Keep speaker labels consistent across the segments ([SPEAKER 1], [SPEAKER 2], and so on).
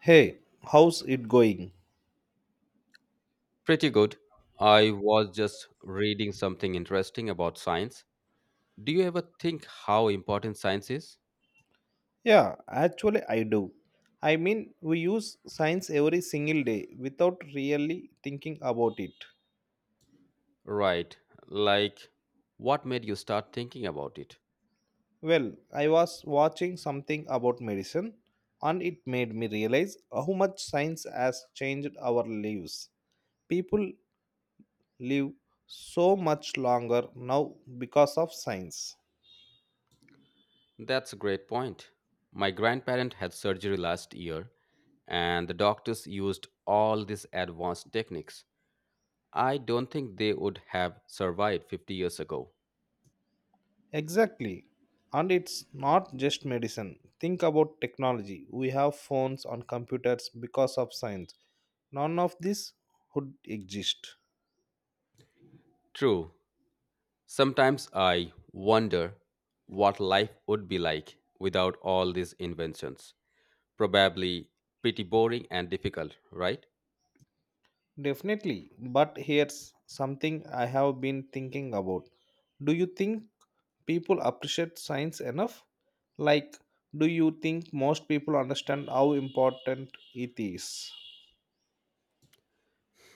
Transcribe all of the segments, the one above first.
[SPEAKER 1] Hey, how's it going?
[SPEAKER 2] Pretty good. I was just reading something interesting about science. Do you ever think how important science is?
[SPEAKER 1] Yeah, actually, I do. I mean, we use science every single day without really thinking about it.
[SPEAKER 2] Right. Like, what made you start thinking about it?
[SPEAKER 1] Well, I was watching something about medicine and it made me realize how much science has changed our lives. People live so much longer now because of science.
[SPEAKER 2] That's a great point. My grandparent had surgery last year, and the doctors used all these advanced techniques. I don't think they would have survived 50 years ago.
[SPEAKER 1] Exactly. And it's not just medicine. Think about technology. We have phones and computers because of science. None of this would exist.
[SPEAKER 2] True. Sometimes I wonder what life would be like without all these inventions. Probably pretty boring and difficult, right?
[SPEAKER 1] Definitely. But here's something I have been thinking about. Do you think people appreciate science enough? Like, do you think most people understand how important it is?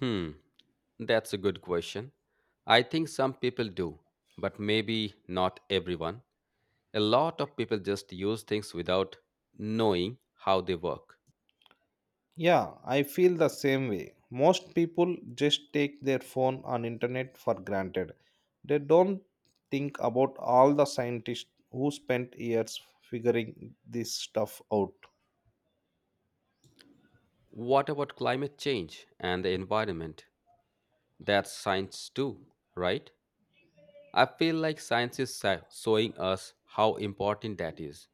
[SPEAKER 2] Hmm, that's a good question. I think some people do, but maybe not everyone. A lot of people just use things without knowing how they work.
[SPEAKER 1] Yeah, I feel the same way. Most people just take their phone and internet for granted. They don't think about all the scientists who spent years figuring this stuff out.
[SPEAKER 2] What about climate change and the environment? That's science too, right? I feel like science is showing us how important that is.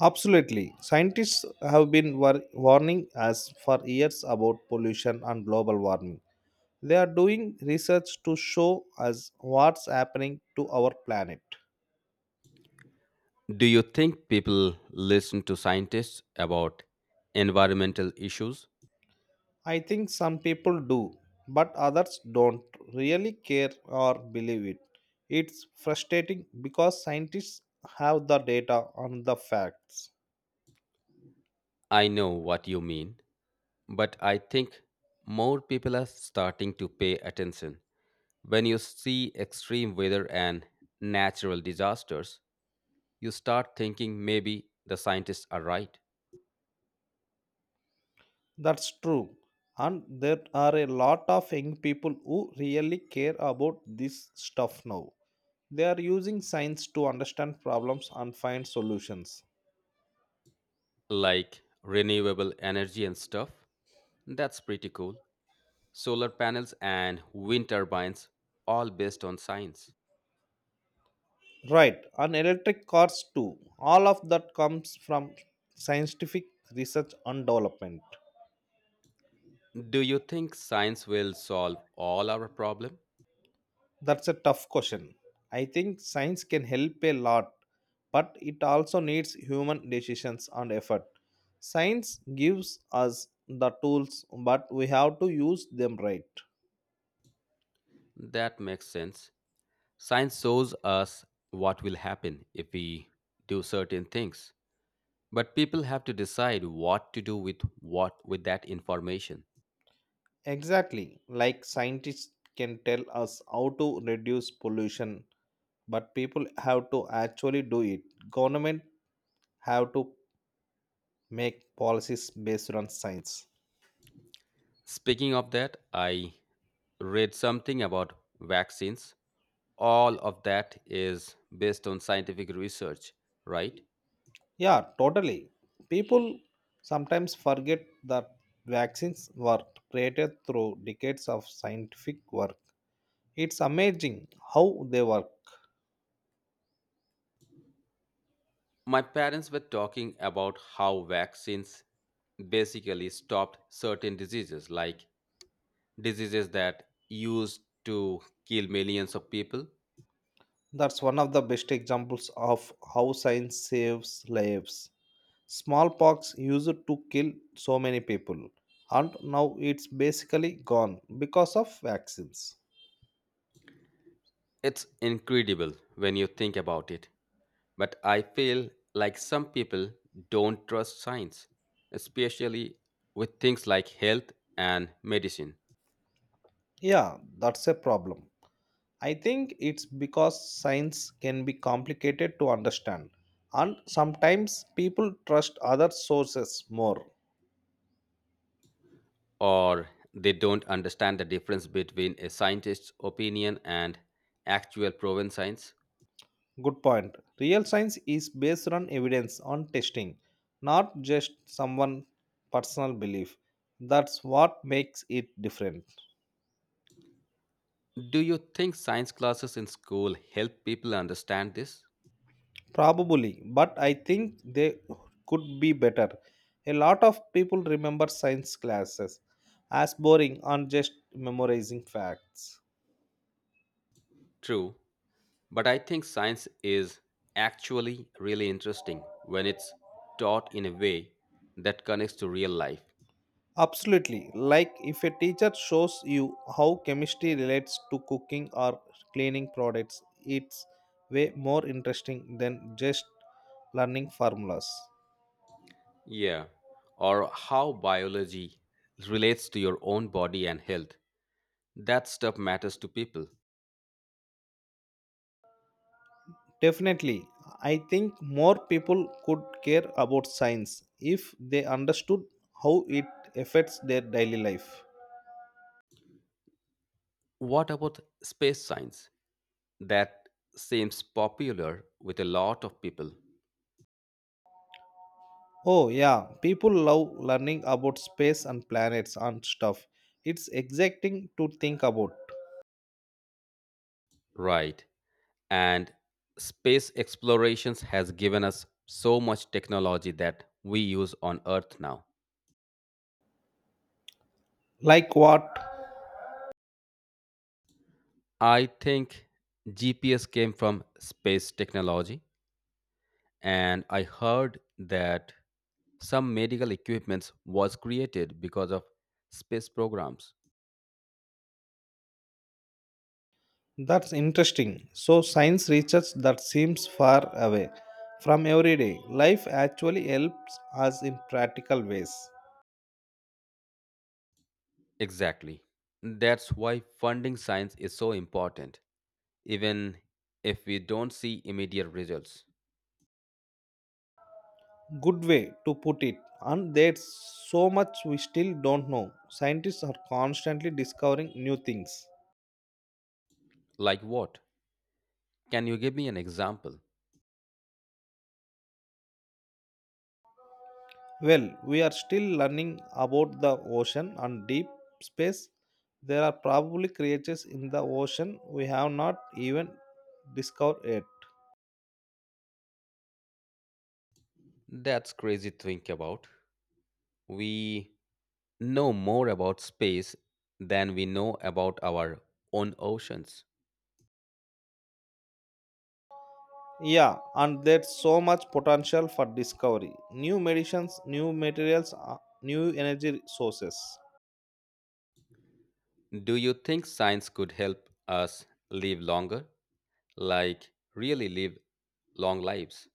[SPEAKER 1] Absolutely. Scientists have been warning us for years about pollution and global warming. They are doing research to show us what's happening to our planet.
[SPEAKER 2] Do you think people listen to scientists about environmental issues?
[SPEAKER 1] I think some people do, but others don't really care or believe it. It's frustrating because scientists have the data on the facts.
[SPEAKER 2] I know what you mean, but I think more people are starting to pay attention. When you see extreme weather and natural disasters, you start thinking maybe the scientists are right.
[SPEAKER 1] That's true. And there are a lot of young people who really care about this stuff now. They are using science to understand problems and find solutions.
[SPEAKER 2] Like renewable energy and stuff. That's pretty cool. Solar panels and wind turbines, all based on science.
[SPEAKER 1] Right, and electric cars too. All of that comes from scientific research and development.
[SPEAKER 2] Do you think science will solve all our problem?
[SPEAKER 1] That's a tough question. I think science can help a lot, but it also needs human decisions and effort. Science gives us the tools, but we have to use them right.
[SPEAKER 2] That makes sense. Science shows us what will happen if we do certain things, but people have to decide what to do with that information.
[SPEAKER 1] Exactly, like scientists can tell us how to reduce pollution, but people have to actually do it. Government have to make policies based on science.
[SPEAKER 2] Speaking of that, I read something about vaccines. All of that is based on scientific research, right?
[SPEAKER 1] Yeah, totally. People sometimes forget that vaccines were created through decades of scientific work. It's amazing how they work.
[SPEAKER 2] My parents were talking about how vaccines basically stopped certain diseases, like diseases that used to kill millions of people.
[SPEAKER 1] That's one of the best examples of how science saves lives. Smallpox used to kill so many people, and now it's basically gone because of vaccines.
[SPEAKER 2] It's incredible when you think about it, but I feel like some people don't trust science, especially with things like health and medicine,
[SPEAKER 1] Yeah, that's a problem. I think it's because science can be complicated to understand, and sometimes people trust other sources more.
[SPEAKER 2] or they don't understand the difference between a scientist's opinion and actual proven science.
[SPEAKER 1] Good point. Real science is based on evidence, on testing, not just someone' personal belief. That's what makes it different.
[SPEAKER 2] Do you think science classes in school help people understand this?
[SPEAKER 1] Probably, but I think they could be better. A lot of people remember science classes as boring and just memorizing facts.
[SPEAKER 2] True, but I think science is actually really interesting when it's taught in a way that connects to real life.
[SPEAKER 1] Absolutely. Like if a teacher shows you how chemistry relates to cooking or cleaning products, it's way more interesting than just learning formulas.
[SPEAKER 2] Yeah, or how biology relates to your own body and health. That stuff matters to people.
[SPEAKER 1] Definitely. I think more people could care about science if they understood how it affects their daily life.
[SPEAKER 2] What about space science? That seems popular with a lot of people.
[SPEAKER 1] Oh, yeah, people love learning about space and planets and stuff. It's exciting to think about.
[SPEAKER 2] Right. And space explorations has given us so much technology that we use on Earth now.
[SPEAKER 1] Like what?
[SPEAKER 2] I think GPS came from space technology, and I heard that some medical equipments was created because of space programs.
[SPEAKER 1] That's interesting. So, science research that seems far away from everyday life actually helps us in practical ways.
[SPEAKER 2] Exactly. That's why funding science is so important, even if we don't see immediate results.
[SPEAKER 1] Good way to put it. And there's so much we still don't know. Scientists are constantly discovering new things.
[SPEAKER 2] Like what? Can you give me an example?
[SPEAKER 1] Well, we are still learning about the ocean and deep space. There are probably creatures in the ocean we have not even discovered yet.
[SPEAKER 2] That's crazy to think about. We know more about space than we know about our own oceans.
[SPEAKER 1] Yeah, and there's so much potential for discovery. New medicines, new materials, new energy sources.
[SPEAKER 2] Do you think science could help us live longer? Like, really live long lives?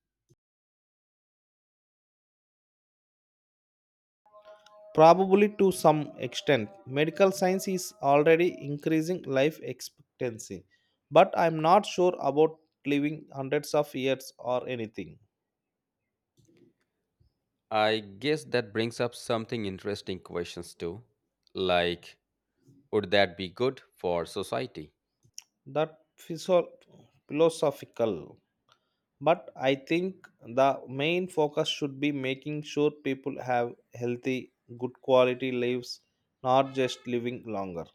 [SPEAKER 1] Probably to some extent, medical science is already increasing life expectancy, but I'm not sure about living hundreds of years or anything.
[SPEAKER 2] I guess that brings up something interesting questions too. Like, would that be good for society?
[SPEAKER 1] That physio- philosophical. But I think the main focus should be making sure people have healthy, good quality lives, not just living longer.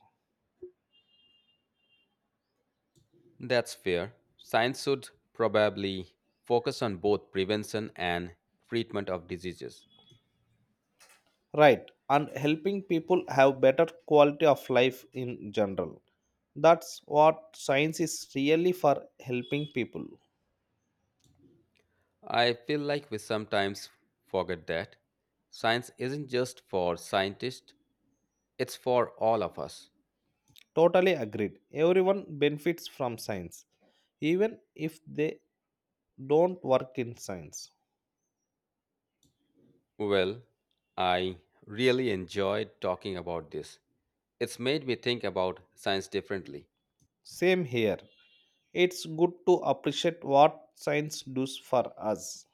[SPEAKER 2] That's fair. Science should probably focus on both prevention and treatment of diseases.
[SPEAKER 1] Right, and helping people have better quality of life in general. That's what science is really for helping people.
[SPEAKER 2] I feel like we sometimes forget that. Science isn't just for scientists, it's for all of us.
[SPEAKER 1] Totally agreed. Everyone benefits from science, even if they don't work in science.
[SPEAKER 2] Well, I really enjoyed talking about this. It's made me think about science differently.
[SPEAKER 1] Same here. It's good to appreciate what science does for us.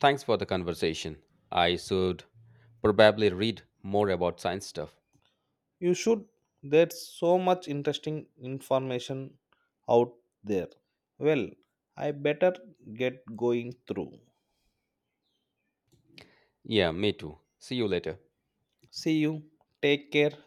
[SPEAKER 2] Thanks for the conversation. I should probably read more about science stuff.
[SPEAKER 1] You should. There's so much interesting information out there. Well, I better get going through.
[SPEAKER 2] Yeah, me too. See you later.
[SPEAKER 1] See you. Take care.